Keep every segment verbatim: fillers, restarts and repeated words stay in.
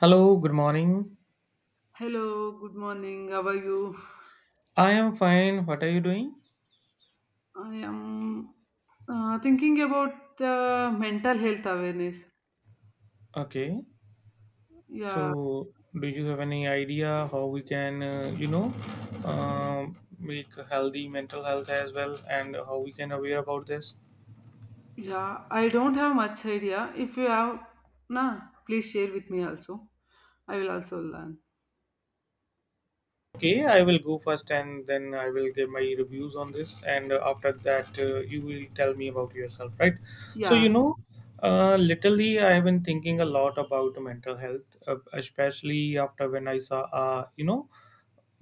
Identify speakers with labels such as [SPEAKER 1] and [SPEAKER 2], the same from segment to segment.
[SPEAKER 1] Hello, good morning.
[SPEAKER 2] Hello, good morning. How are you?
[SPEAKER 1] I am fine. What are you doing?
[SPEAKER 2] I am uh, thinking about uh, mental health awareness.
[SPEAKER 1] Okay.
[SPEAKER 2] Yeah,
[SPEAKER 1] So, do you have any idea how we can, uh, you know, um make healthy mental health as well and how we can aware about this?
[SPEAKER 2] yeah. I don't have much idea. If you have, nah, please share with me also. I will also learn.
[SPEAKER 1] Okay, I will go first and then I will give my reviews on this. And uh, after that, uh, you will tell me about yourself, right? So, you
[SPEAKER 2] Yeah.
[SPEAKER 1] know, uh, Literally, I have been thinking a lot about mental health, uh, especially after when I saw, uh, you know,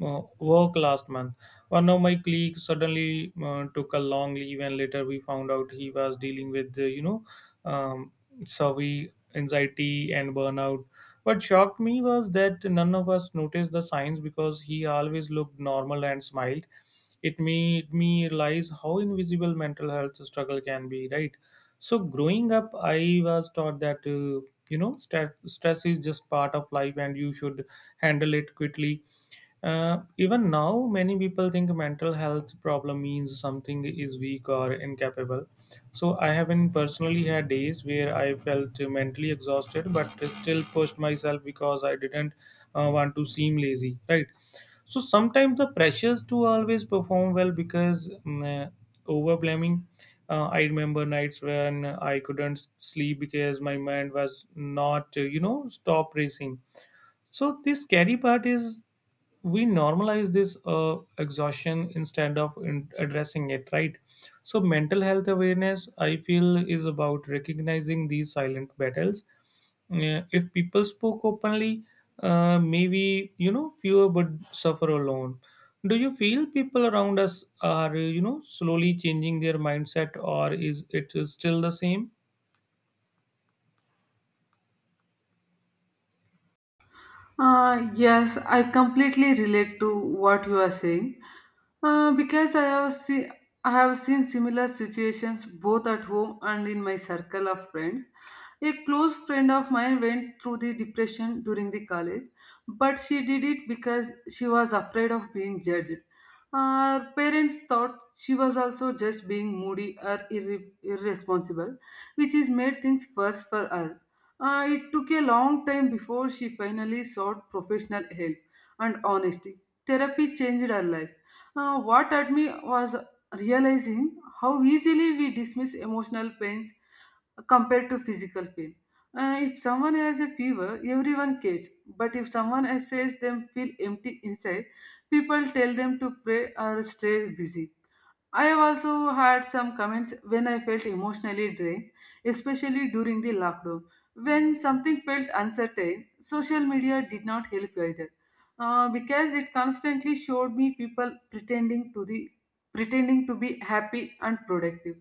[SPEAKER 1] uh, work last month. One of my colleagues suddenly uh, took a long leave, and later we found out he was dealing with, uh, you know, um, survey anxiety and burnout. What shocked me was that none of us noticed the signs because he always looked normal and smiled. It made me realize how invisible mental health struggle can be, right? So, growing up, I was taught that, uh, you know, st- stress is just part of life and you should handle it quickly. Uh, even now, many people think mental health problem means something is weak or incapable. So I have been personally had days where I felt mentally exhausted, but still pushed myself because I didn't uh, want to seem lazy. Right. So sometimes the pressures to always perform well because mm, uh, over blaming. Uh, I remember nights when I couldn't sleep because my mind was not, uh, you know, stop racing. So this scary part is we normalize this uh, exhaustion instead of in- addressing it, right? So mental health awareness, I feel, is about recognizing these silent battles. Uh, if people spoke openly, uh, maybe you know fewer would suffer alone. Do you feel people around us are you know slowly changing their mindset, or is it still the same?
[SPEAKER 2] Uh, yes, I completely relate to what you are saying uh, because I have seen I have seen similar situations both at home and in my circle of friends. A close friend of mine went through the depression during the college, but she did it because she was afraid of being judged. Her parents thought she was also just being moody or irre- irresponsible, which is made things worse for her. Uh, it took a long time before she finally sought professional help and honesty. Therapy changed her life. Uh, what hurt me was realizing how easily we dismiss emotional pains compared to physical pain. Uh, if someone has a fever, everyone cares. But if someone else says them feel empty inside, people tell them to pray or stay busy. I have also had some comments when I felt emotionally drained, especially during the lockdown. When something felt uncertain, social media did not help either, uh, because it constantly showed me people pretending to the pretending to be happy and productive.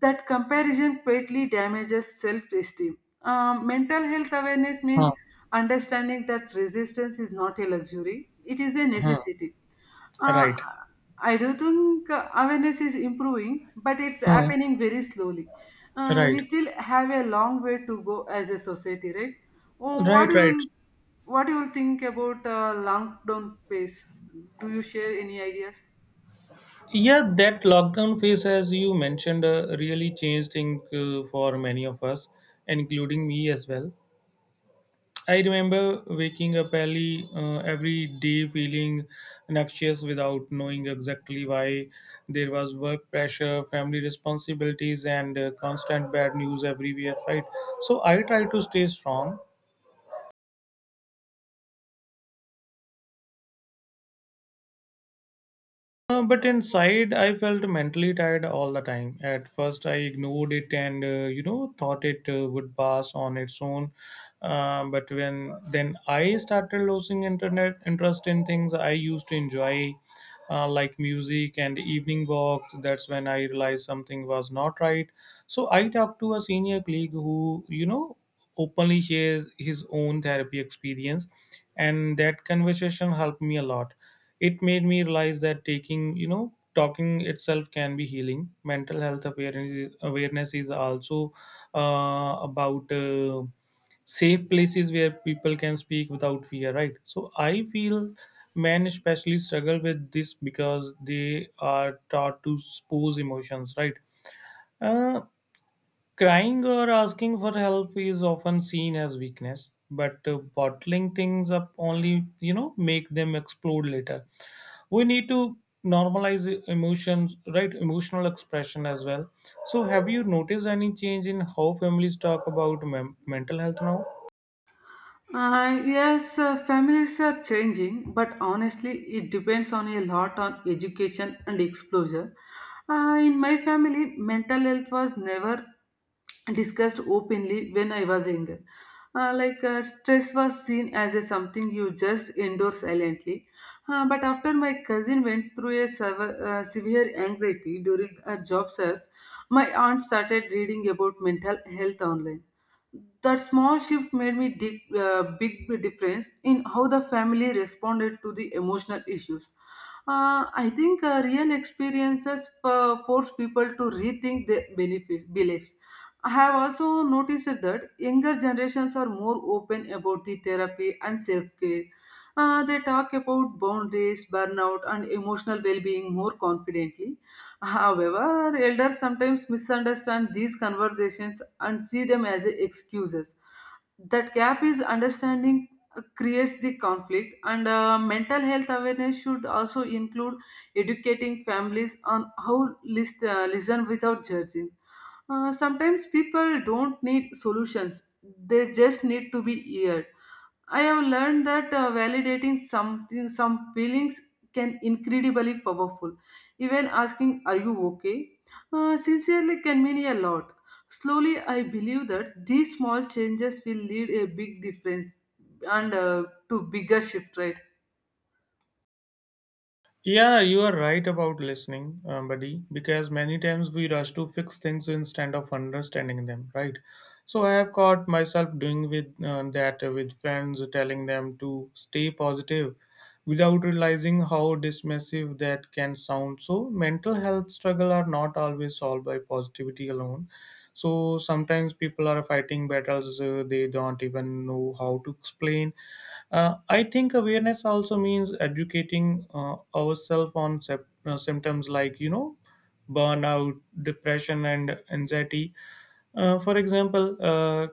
[SPEAKER 2] That comparison greatly damages self-esteem. Um, mental health awareness means
[SPEAKER 1] Huh.
[SPEAKER 2] understanding that resistance is not a luxury; it is a
[SPEAKER 1] Huh.
[SPEAKER 2] necessity. uh,
[SPEAKER 1] Right.
[SPEAKER 2] I do think uh, awareness is improving, but it's
[SPEAKER 1] Huh.
[SPEAKER 2] happening very slowly. Uh, we
[SPEAKER 1] Right.
[SPEAKER 2] still have a long way to go as a society, right? Oh, what
[SPEAKER 1] Right,
[SPEAKER 2] you
[SPEAKER 1] right.
[SPEAKER 2] will, what you will think about uh, lockdown pace? Do you share any ideas?
[SPEAKER 1] Yeah, that lockdown phase, as you mentioned, uh, really changed things uh, for many of us, including me as well. I remember waking up early uh, every day feeling anxious without knowing exactly why. There was work pressure, family responsibilities, and uh, constant bad news everywhere, right? So I tried to stay strong. Uh, but inside, I felt mentally tired all the time. At first, I ignored it and uh, you know thought it uh, would pass on its own. Uh, but when then I started losing internet interest in things I used to enjoy, uh, like music and evening walks. That's when I realized something was not right. So I talked to a senior colleague who you know openly shares his own therapy experience, and that conversation helped me a lot. It made me realize that taking you know talking itself can be healing. Mental health awareness is, awareness is also uh, about uh, safe places where people can speak without fear, right? So I feel men especially struggle with this because they are taught to expose emotions, right. uh, Crying or asking for help is often seen as weakness, but uh, bottling things up only, you know, make them explode later. We need to normalize emotions, right? Emotional expression as well. So, have you noticed any change in how families talk about men- mental health now?
[SPEAKER 2] Uh, yes, uh, families are changing, but honestly, it depends on a lot on education and exposure. Uh, in my family, mental health was never discussed openly when I was younger. Uh, like uh, stress was seen as a something you just endure silently. Uh, but after my cousin went through a sever- uh, severe anxiety during her job search, my aunt started reading about mental health online. That small shift made me dig uh, big difference in how the family responded to the emotional issues. Uh, I think uh, real experiences uh, force people to rethink their benefit beliefs. I have also noticed that younger generations are more open about the therapy and self-care. Uh, they talk about boundaries, burnout, and emotional well-being more confidently. However, elders sometimes misunderstand these conversations and see them as excuses. That gap is understanding uh, creates the conflict, and uh, mental health awareness should also include educating families on how list, uh, listen without judging. Uh, sometimes people don't need solutions, they just need to be heard. I have learned that uh, validating something, some feelings can incredibly powerful. Even asking, "Are you okay?" uh, sincerely can mean a lot. Slowly, I believe that these small changes will lead a big difference and uh, to bigger shift. Right?
[SPEAKER 1] Yeah, you are right about listening, uh, buddy, because many times we rush to fix things instead of understanding them, right? So I have caught myself doing with uh, that uh, with friends, telling them to stay positive without realizing how dismissive that can sound. So mental health struggle are not always solved by positivity alone. So sometimes people are fighting battles uh, they don't even know how to explain. uh, I think awareness also means educating uh, ourselves on sep- uh, symptoms like, you know, burnout, depression, and anxiety. Uh, for example, uh,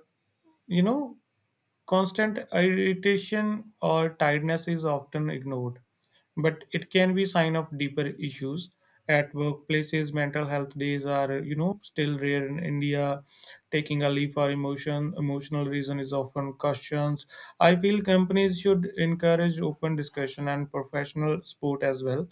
[SPEAKER 1] you know, constant irritation or tiredness is often ignored, but it can be sign of deeper issues. At workplaces, mental health days are, you know, still rare in India. Taking a leave for emotion, emotional reason is often questioned. I feel companies should encourage open discussion and professional support as well.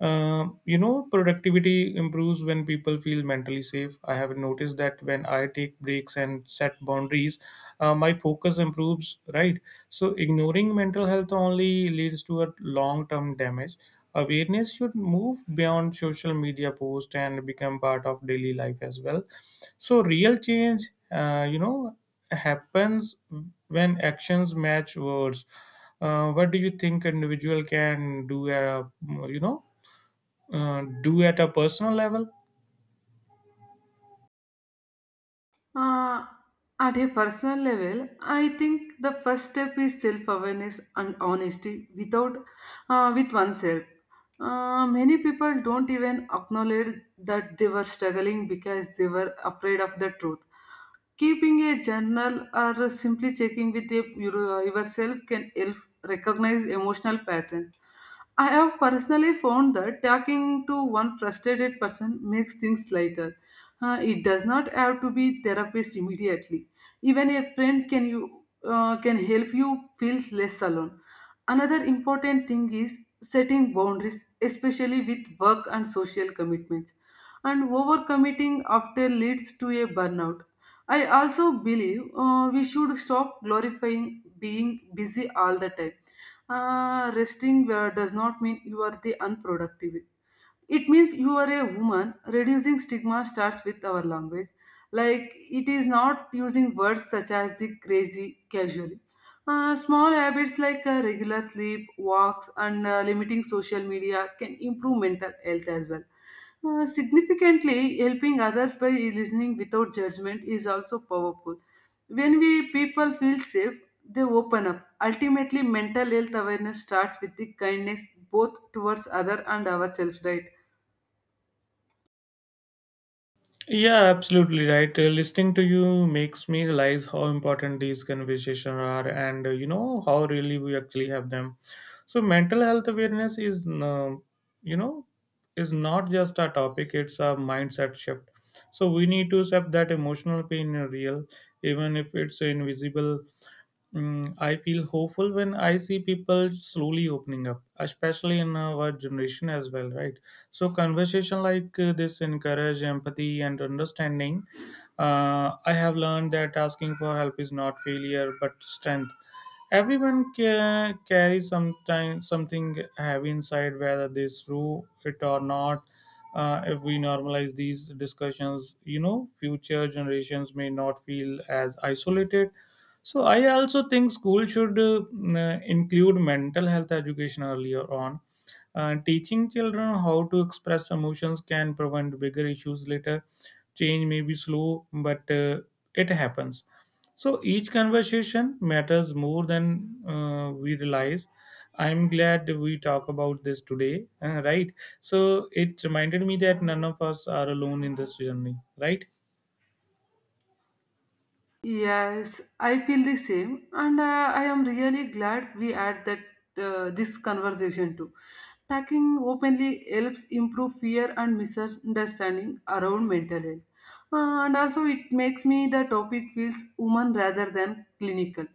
[SPEAKER 1] Uh, you know, productivity improves when people feel mentally safe. I have noticed that when I take breaks and set boundaries, uh, my focus improves, right? So, ignoring mental health only leads to a long term damage. Awareness should move beyond social media posts and become part of daily life as well. So, real change, uh, you know, happens when actions match words. Uh, what do you think individual can do? Uh, you know, uh, do at a personal level?
[SPEAKER 2] Uh, at a personal level, I think the first step is self awareness and honesty without, uh, with oneself. Uh, many people don't even acknowledge that they were struggling because they were afraid of the truth. Keeping a journal or simply checking with your- your- uh, yourself can help recognize emotional patterns. I have personally found that talking to one frustrated person makes things lighter. Uh, it does not have to be therapist immediately. Even a friend can you uh, can help you feel less alone. Another important thing is setting boundaries, especially with work and social commitments. And overcommitting often leads to a burnout. I also believe uh, we should stop glorifying being busy all the time. Uh, resting uh, does not mean you are the unproductive, it means you are a woman. Reducing stigma starts with our language, like it is not using words such as the crazy casually. Uh, small habits like uh, regular sleep walks and uh, limiting social media can improve mental health as well. Uh, significantly helping others by listening without judgment is also powerful. When we people feel safe, they open up. Ultimately mental health awareness starts with the kindness, both towards other and ourselves, right?
[SPEAKER 1] Yeah, absolutely right. Uh, listening to you makes me realize how important these conversations are and uh, you know how really we actually have them. So mental health awareness is uh, you know is not just a topic, it's a mindset shift. So we need to accept that emotional pain is real even if it's invisible. Mm, I feel hopeful when I see people slowly opening up, especially in our generation as well, right? So conversation like uh, this encourage empathy and understanding. Uh, I have learned that asking for help is not failure but strength. Everyone ca- carries sometimes something heavy inside, whether they through it or not. Uh, if we normalize these discussions, you know, future generations may not feel as isolated. So I also think school should uh, mm, include mental health education earlier on. Uh, teaching children how to express emotions can prevent bigger issues later. Change may be slow, but uh, it happens, so each conversation matters more than uh, we realize. I'm glad we talk about this today, uh, right? So it reminded me that none of us are alone in this journey, right?
[SPEAKER 2] Yes, I feel the same, and uh, I am really glad we had that uh, this conversation too. Talking openly helps improve fear and misunderstanding around mental health. Uh, and also it makes me the topic feels human rather than clinical.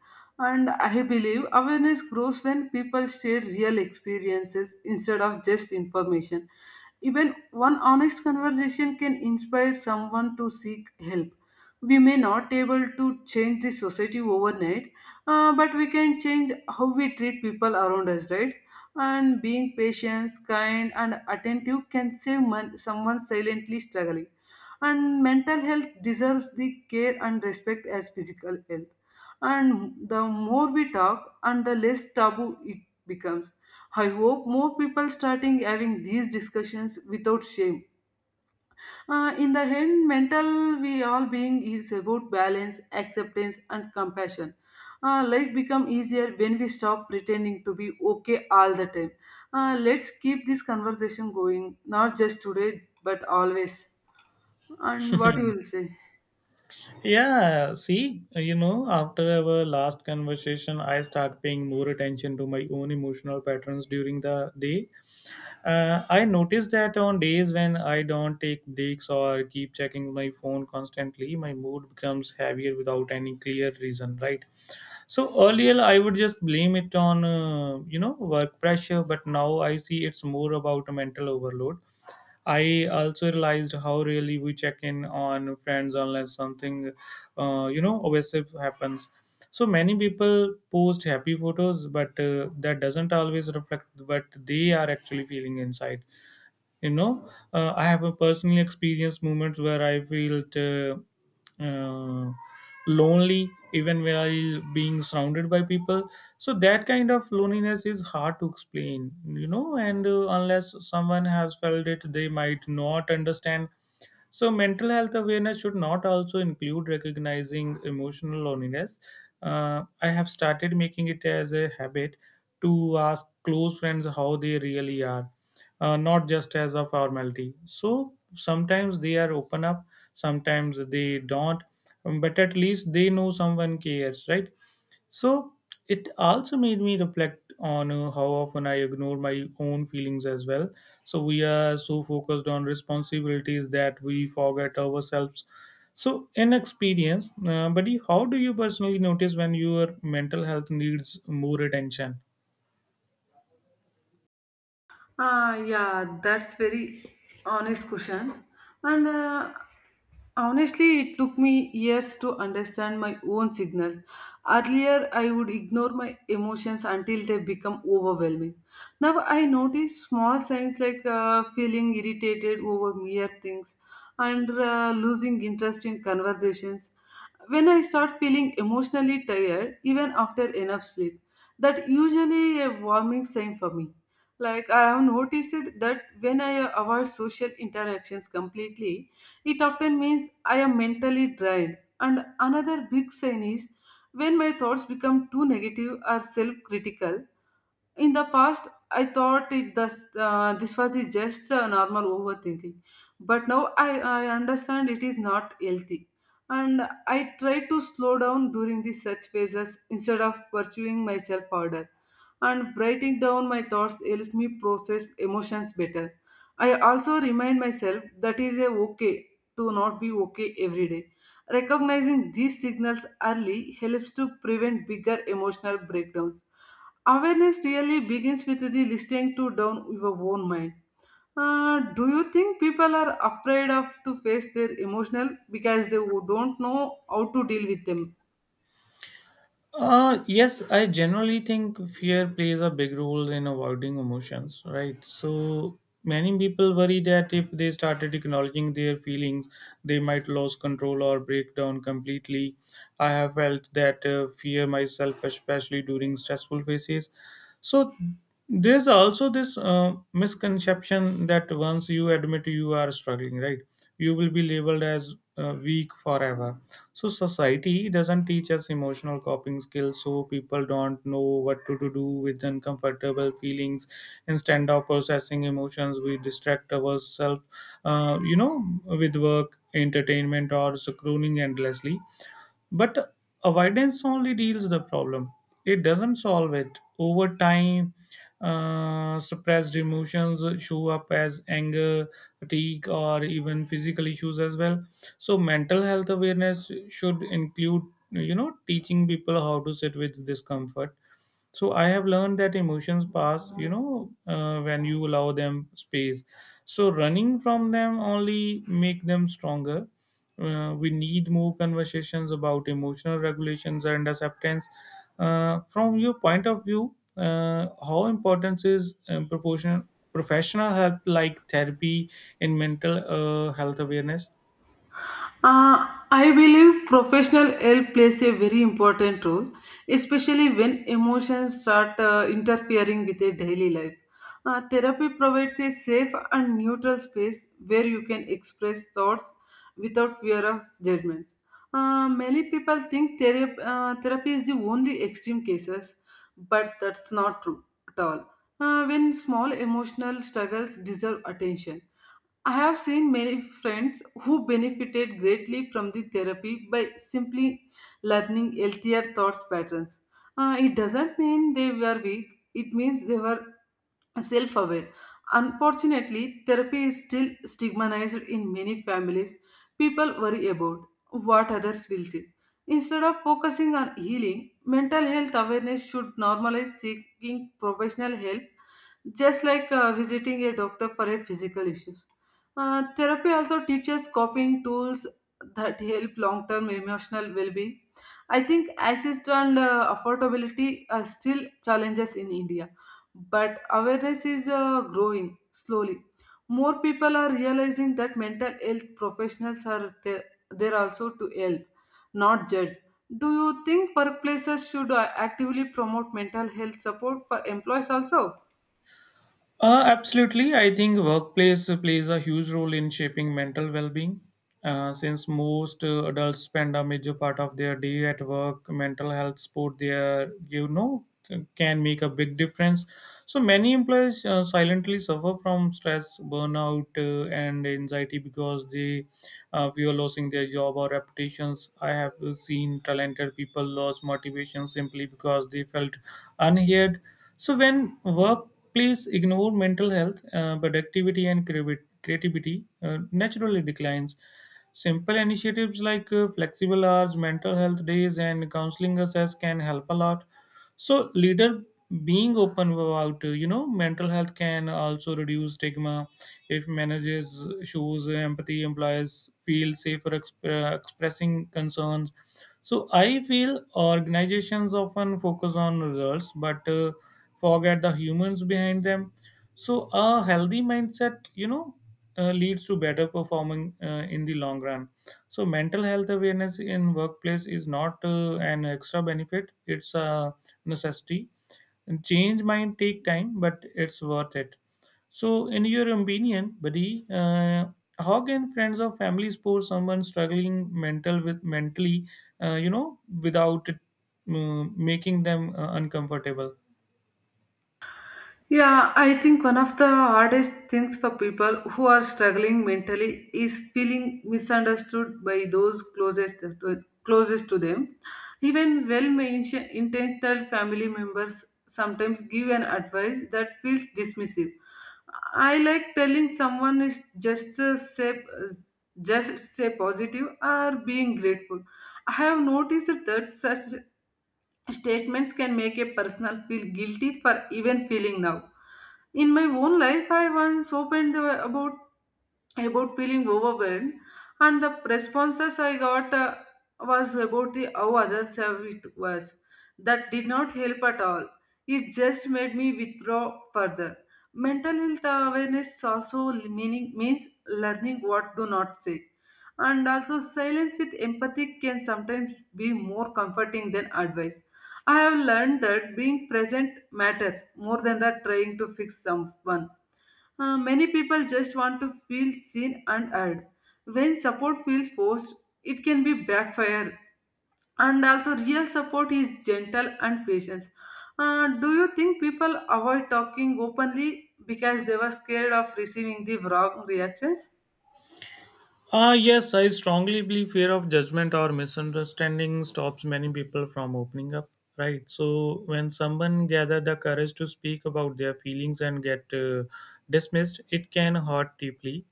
[SPEAKER 2] And I believe awareness grows when people share real experiences instead of just information. Even one honest conversation can inspire someone to seek help. We may not able to change the society overnight, uh, but we can change how we treat people around us, right? And being patient, kind, and attentive can save mon- someone silently struggling. And mental health deserves the care and respect as physical health. And the more we talk, and the less taboo it becomes. I hope more people starting having these discussions without shame. Uh, in the end, mental we all being is about balance, acceptance, and compassion. Uh, life become easier when we stop pretending to be okay all the time. Uh, let's keep this conversation going, not just today but always. And what you will say?
[SPEAKER 1] Yeah, see, you know, after our last conversation, I start paying more attention to my own emotional patterns during the day. Uh, I noticed that on days when I don't take breaks or keep checking my phone constantly, my mood becomes heavier without any clear reason, right? So earlier, I would just blame it on uh, you know work pressure, but now I see it's more about a mental overload. I also realized how really we check in on friends unless something uh, you know obsessive happens. So many people post happy photos, but uh, that doesn't always reflect what they are actually feeling inside. you know uh, I have a personally experienced moments where I felt uh, uh, lonely even while being surrounded by people. So that kind of loneliness is hard to explain, you know and uh, unless someone has felt it they might not understand. So, mental health awareness should not also include recognizing emotional loneliness. Uh, I have started making it as a habit to ask close friends how they really are, uh, not just as a formality. So, sometimes they are open up, sometimes they don't, um, but at least they know someone cares, right? So it also made me reflect on uh, how often I ignore my own feelings as well. So we are so focused on responsibilities that we forget ourselves. So inexperience, uh, buddy, how do you personally notice when your mental health needs more attention?
[SPEAKER 2] Uh, yeah, that's very honest question. And uh, honestly, it took me years to understand my own signals. Earlier, I would ignore my emotions until they become overwhelming. Now, I notice small signs like uh, feeling irritated over mere things and uh, losing interest in conversations. When I start feeling emotionally tired, even after enough sleep, that usually a warming sign for me. Like I have noticed it that when I avoid social interactions completely, it often means I am mentally drained. And another big sign is when my thoughts become too negative or self critical. In the past, I thought it thus, uh, this was the just uh, normal overthinking, but now I, I understand it is not healthy. And I try to slow down during these such phases instead of pursuing myself harder. And writing down my thoughts helps me process emotions better. I also remind myself that is a okay to not be okay every day. Recognizing these signals early helps to prevent bigger emotional breakdowns. Awareness really begins with the listening to down your own mind. Uh, do you think people are afraid of to face their emotional because they wo- don't know how to deal with them?
[SPEAKER 1] Uh, yes, I generally think fear plays a big role in avoiding emotions, right? So many people worry that if they started acknowledging their feelings, they might lose control or break down completely. I have felt that uh, fear myself, especially during stressful phases. So there's also this uh, misconception that once you admit you are struggling, right, you will be labeled as uh, weak forever. So society doesn't teach us emotional coping skills, so people don't know what to, to do with uncomfortable feelings. Instead of processing emotions we distract ourselves, uh, you know with work entertainment or scrolling endlessly, but avoidance only deals the problem. It doesn't solve it. Over time, uh, suppressed emotions show up as anger, fatigue, or even physical issues as well. So mental health awareness should include, you know, teaching people how to sit with discomfort. So I have learned that emotions pass, you know uh, when you allow them space. So running from them only make them stronger. Uh, we need more conversations about emotional regulations and acceptance. Uh, from your point of view, uh, how important is um, proportion professional help like therapy in mental uh, health awareness?
[SPEAKER 2] Uh, I believe professional help plays a very important role, especially when emotions start uh, interfering with a daily life. Uh, therapy provides a safe and neutral space where you can express thoughts without fear of judgments. Uh, many people think therapy, uh, therapy is the only extreme cases, but that's not true at all. Uh, when small emotional struggles deserve attention, I have seen many friends who benefited greatly from the therapy by simply learning healthier thoughts patterns. Uh, it doesn't mean they were weak, it means they were self aware. Unfortunately, therapy is still stigmatized in many families. People worry about what others will see. Instead of focusing on healing, mental health awareness should normalize seeking professional help, just like uh, visiting a doctor for a physical issues. Uh, therapy also teaches coping tools that help long-term emotional well-being. I think assist and uh, affordability are still challenges in India, but awareness is uh, growing slowly. More people are realizing that mental health professionals are there, there also to help, not judge. Do you think workplaces should uh, actively promote mental health support for employees also?
[SPEAKER 1] Uh, absolutely. I think workplace plays a huge role in shaping mental well-being. Uh, since most uh, adults spend a major part of their day at work, mental health support there, you know, c- can make a big difference. So many employees uh, silently suffer from stress, burnout, uh, and anxiety because they uh, fear losing their job or reputations. I have seen talented people lose motivation simply because they felt unheard. So when work Please ignore mental health, uh, productivity, and creavi- creativity uh, naturally declines. Simple initiatives like uh, flexible hours, mental health days, and counseling access can help a lot. So, leader being open about uh, you know mental health can also reduce stigma. If managers shows empathy, employees feel safer exp- uh, expressing concerns, so I feel organizations often focus on results but uh, forget the humans behind them. So a healthy mindset, you know, uh, leads to better performing uh, in the long run. So mental health awareness in workplace is not uh, an extra benefit; it's a necessity. And change might take time, but it's worth it. So, in your opinion, buddy, uh, how can friends or family support someone struggling mental with mentally, uh, you know, without uh, making them uh, uncomfortable?
[SPEAKER 2] Yeah, I think one of the hardest things for people who are struggling mentally is feeling misunderstood by those closest to, closest to them. Even well-intentioned family members sometimes give an advice that feels dismissive. I like telling someone is just uh, say just say positive or being grateful. I have noticed that such statements can make a person feel guilty for even feeling now. In my own life I once opened the, about about feeling overwhelmed, and the responses I got uh, was about the how others have it was. That did not help at all, it just made me withdraw further. Mental health awareness also meaning means learning what do not say, and also silence with empathy can sometimes be more comforting than advice. I have learned that being present matters more than that trying to fix someone. Uh, many people just want to feel seen and heard. When support feels forced, it can be backfire. And also, real support is gentle and patience. Uh, do you think people avoid talking openly because they were scared of receiving the wrong reactions?
[SPEAKER 1] Ah, yes, I strongly believe fear of judgment or misunderstanding stops many people from opening up. Right. So when someone gather the courage to speak about their feelings and get uh, dismissed, it can hurt deeply.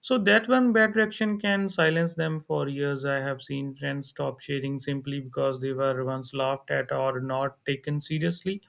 [SPEAKER 1] So that one bad reaction can silence them for years. I have seen friends stop sharing simply because they were once laughed at or not taken seriously.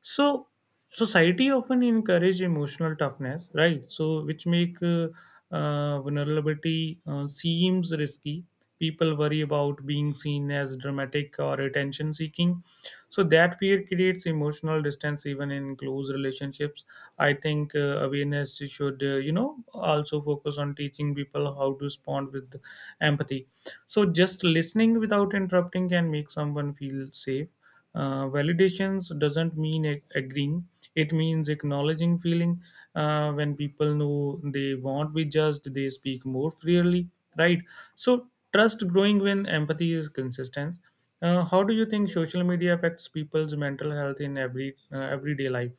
[SPEAKER 1] So society often encourage emotional toughness, right? So which make uh, uh, vulnerability uh, seems risky. People worry about being seen as dramatic or attention seeking. So that fear creates emotional distance even in close relationships. I think uh, awareness should, uh, you know, also focus on teaching people how to respond with empathy, so just listening without interrupting can make someone feel safe. Uh, validations doesn't mean ag- agreeing. It means acknowledging feeling. Uh, when people know they won't be judged, they speak more freely, right? So trust growing when empathy is consistent. Uh, how do you think social media affects people's mental health in every uh, everyday life?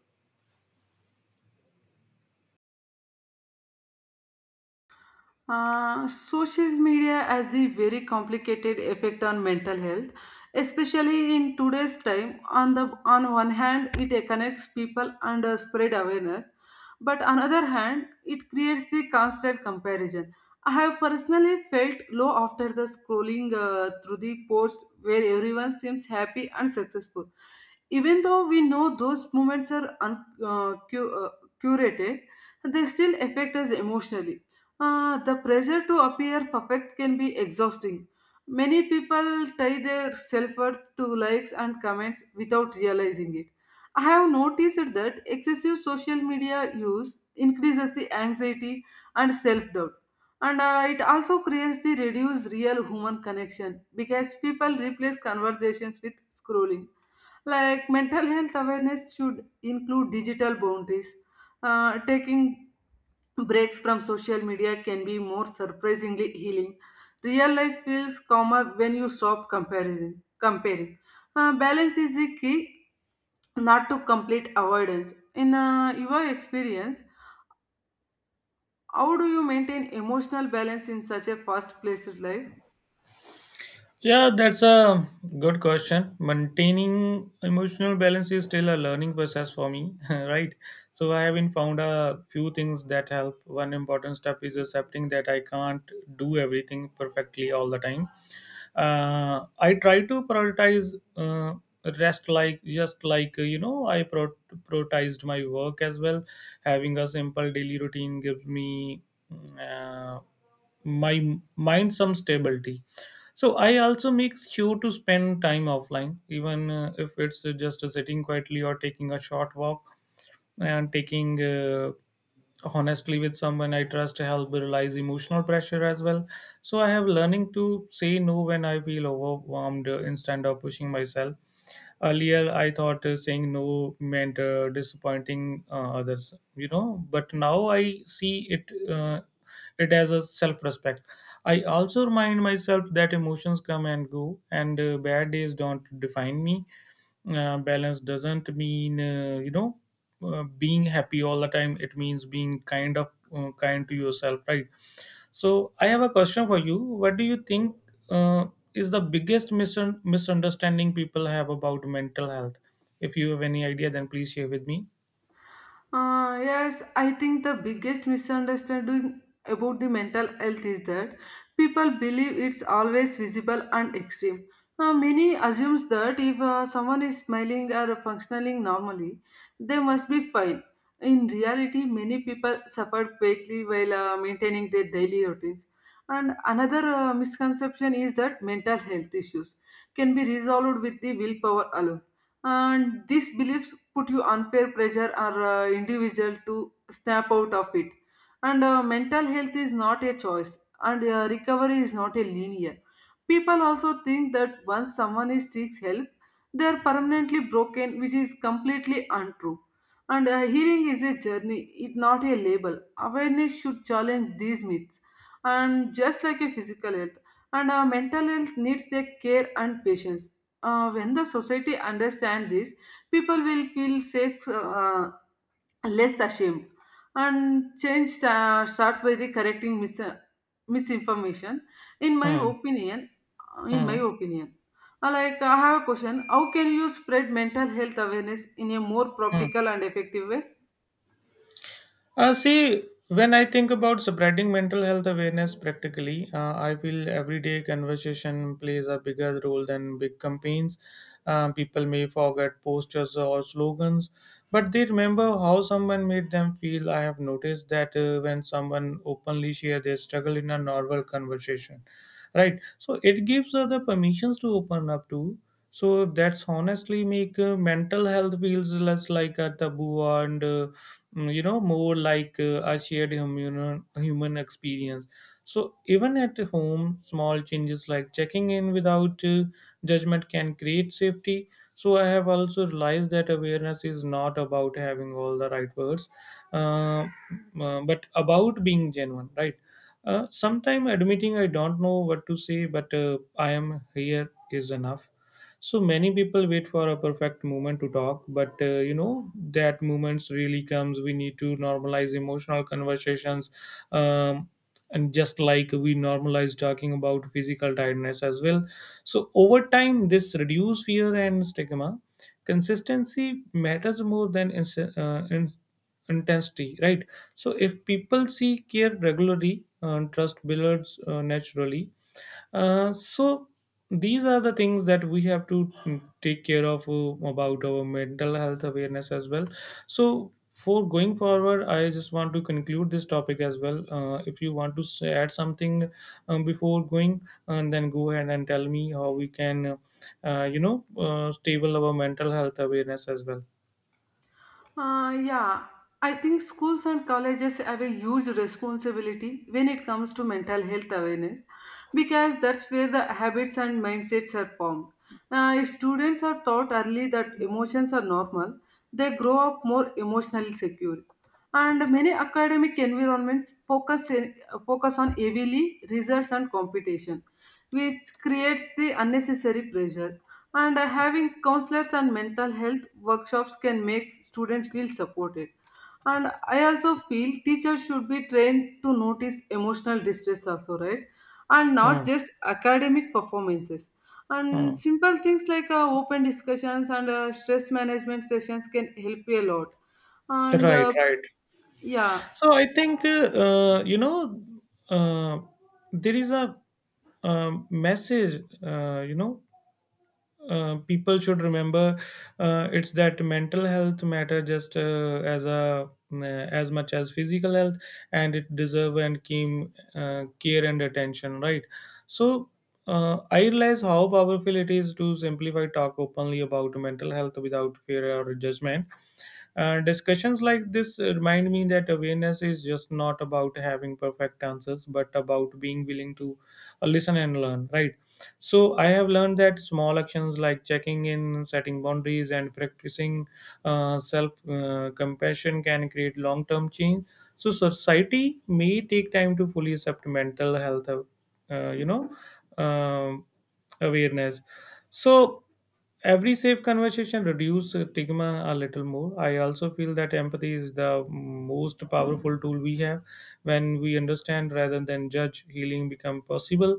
[SPEAKER 2] Uh, social media has a very complicated effect on mental health, especially in today's time. On the on one hand, it connects people and uh, spread awareness, but on other hand, it creates the constant comparison. I have personally felt low after the scrolling uh, through the posts where everyone seems happy and successful, even though we know those moments are un- uh, cu- uh, curated. They still affect us emotionally. Uh, the pressure to appear perfect can be exhausting. Many people tie their self worth to likes and comments without realizing it. I have noticed that excessive social media use increases the anxiety and self doubt. And uh, it also creates the reduced real human connection because people replace conversations with scrolling. Like mental health awareness should include digital boundaries. Uh, taking breaks from social media can be more surprisingly healing. Real life feels calmer when you stop comparing. comparing. Uh, balance is the key, not to complete avoidance. In uh, your experience, how do you maintain emotional balance in such a fast-paced life?
[SPEAKER 1] Yeah, that's a good question. Maintaining emotional balance is still a learning process for me, right? So I haven't found a few things that help. One important step is accepting that I can't do everything perfectly all the time. Uh, I try to prioritize uh, rest, like just like uh, you know, I pro- prioritized my work as well. Having a simple daily routine gives me. mm, Uh, my mind some stability, so I also make sure to spend time offline, even uh, if it's uh, just uh, sitting quietly or taking a short walk, and taking uh, honestly with someone I trust, help realize emotional pressure as well. So I have learning to say no when I feel overwhelmed, uh, instead of pushing myself. Earlier I thought uh, saying no meant uh, disappointing uh, others, you know, but now I see it uh, it as a self respect. I also remind myself that emotions come and go, and uh, bad days don't define me. uh, balance doesn't mean uh, you know uh, being happy all the time. It means being kind of uh, kind to yourself, right? So I have a question for you. What do you think uh, is the biggest misun misunderstanding people have about mental health? If you have any idea, then please share with me.
[SPEAKER 2] Uh, yes, I think the biggest misunderstanding about the mental health is that people believe it's always visible and extreme. Uh, many assumes that if uh, someone is smiling or functioning normally, they must be fine. In reality, many people suffer greatly while uh, maintaining their daily routines. And another uh, misconception is that mental health issues can be resolved with the willpower alone, and these beliefs put you unfair pressure or uh, individual to snap out of it, and uh, mental health is not a choice, and uh, recovery is not a linear. People also think that once someone is seeks help, they are permanently broken, which is completely untrue, and uh, healing is a journey, it not a label. Awareness should challenge these myths, and just like a physical health, and our mental health needs their care and patience. Uh, when the society understand this, people will feel safe, uh, uh, less ashamed, and change sta- starts by the correcting mis- misinformation in my
[SPEAKER 1] Hmm.
[SPEAKER 2] opinion. uh, in my
[SPEAKER 1] Hmm.
[SPEAKER 2] opinion Uh, like i have a question, how can you spread mental health awareness in a more
[SPEAKER 1] Hmm.
[SPEAKER 2] practical and effective way?
[SPEAKER 1] Uh, see, when I think about spreading mental health awareness practically, uh, I feel everyday conversation plays a bigger role than big campaigns. Uh, people may forget posters or slogans, but they remember how someone made them feel. I have noticed that uh, when someone openly share their struggle in a normal conversation, right? So it gives other permissions to open up to. So that's honestly make uh, mental health feels less like a taboo and uh, mm, you know more like uh, a shared human human experience. So even at home small changes like checking in without uh, judgment can create safety. So I have also realized that awareness is not about having all the right words, uh, uh, but about being genuine, right? uh, sometime admitting I don't know what to say, but uh, I am here is enough. So many people wait for a perfect moment to talk, but uh, you know that moments really comes. We need to normalize emotional conversations, um, and just like we normalize talking about physical tiredness as well. So over time, this reduce fear and stigma. Consistency matters more than ins- uh, in- intensity, right? So if people see care regularly, uh, trust builds uh, naturally. Uh, so these are the things that we have to take care of uh, about our mental health awareness as well. So for going forward, I just want to conclude this topic as well. Uh, if you want to s- add something um, before going, and then go ahead and tell me how we can, uh, you know, uh, stable our mental health awareness as well.
[SPEAKER 2] Uh, yeah, I think schools and colleges have a huge responsibility when it comes to mental health awareness because that's where the habits and mindsets are formed. Uh, if students are taught early that emotions are normal, they grow up more emotionally secure. And many academic environments focus, in, focus on heavily results and competition, which creates the unnecessary pressure. And uh, having counselors and mental health workshops can make students feel supported. And I also feel teachers should be trained to notice emotional distress, also, right? And not
[SPEAKER 1] Mm,
[SPEAKER 2] just academic performances. And
[SPEAKER 1] mm.
[SPEAKER 2] simple things like uh, open discussions and uh, stress management sessions can help you a lot. And
[SPEAKER 1] Right,
[SPEAKER 2] uh,
[SPEAKER 1] right.
[SPEAKER 2] yeah,
[SPEAKER 1] So I think uh, you know uh, there is a um, message, uh, you know uh, people should remember. uh, it's that mental health matter just uh, as a uh, as much as physical health, and it deserve and came uh, care and attention, right? So uh, I realize how powerful it is to simplify talk openly about mental health without fear or judgment. uh, discussions like this remind me that awareness is just not about having perfect answers, but about being willing to uh, listen and learn, right? So, I have learned that small actions like checking in, setting boundaries, and practicing uh, self uh, compassion can create long term change. So, society may take time to fully accept mental health, uh, you know, um, awareness. So, every safe conversation reduce uh, stigma a little more. I also feel that empathy is the most powerful tool we have. When we understand rather than judge, healing become possible.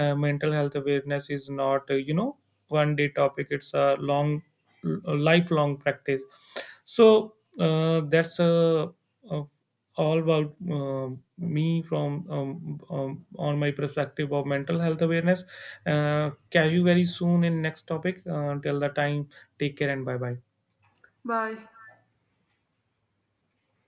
[SPEAKER 1] Uh, mental health awareness is not uh, you know one day topic. It's a long, a lifelong practice. So uh, that's a, a all about um, me from um, um, on my perspective of mental health awareness. Uh, catch you very soon in next topic. Uh, till the time, take care and bye bye.
[SPEAKER 2] bye.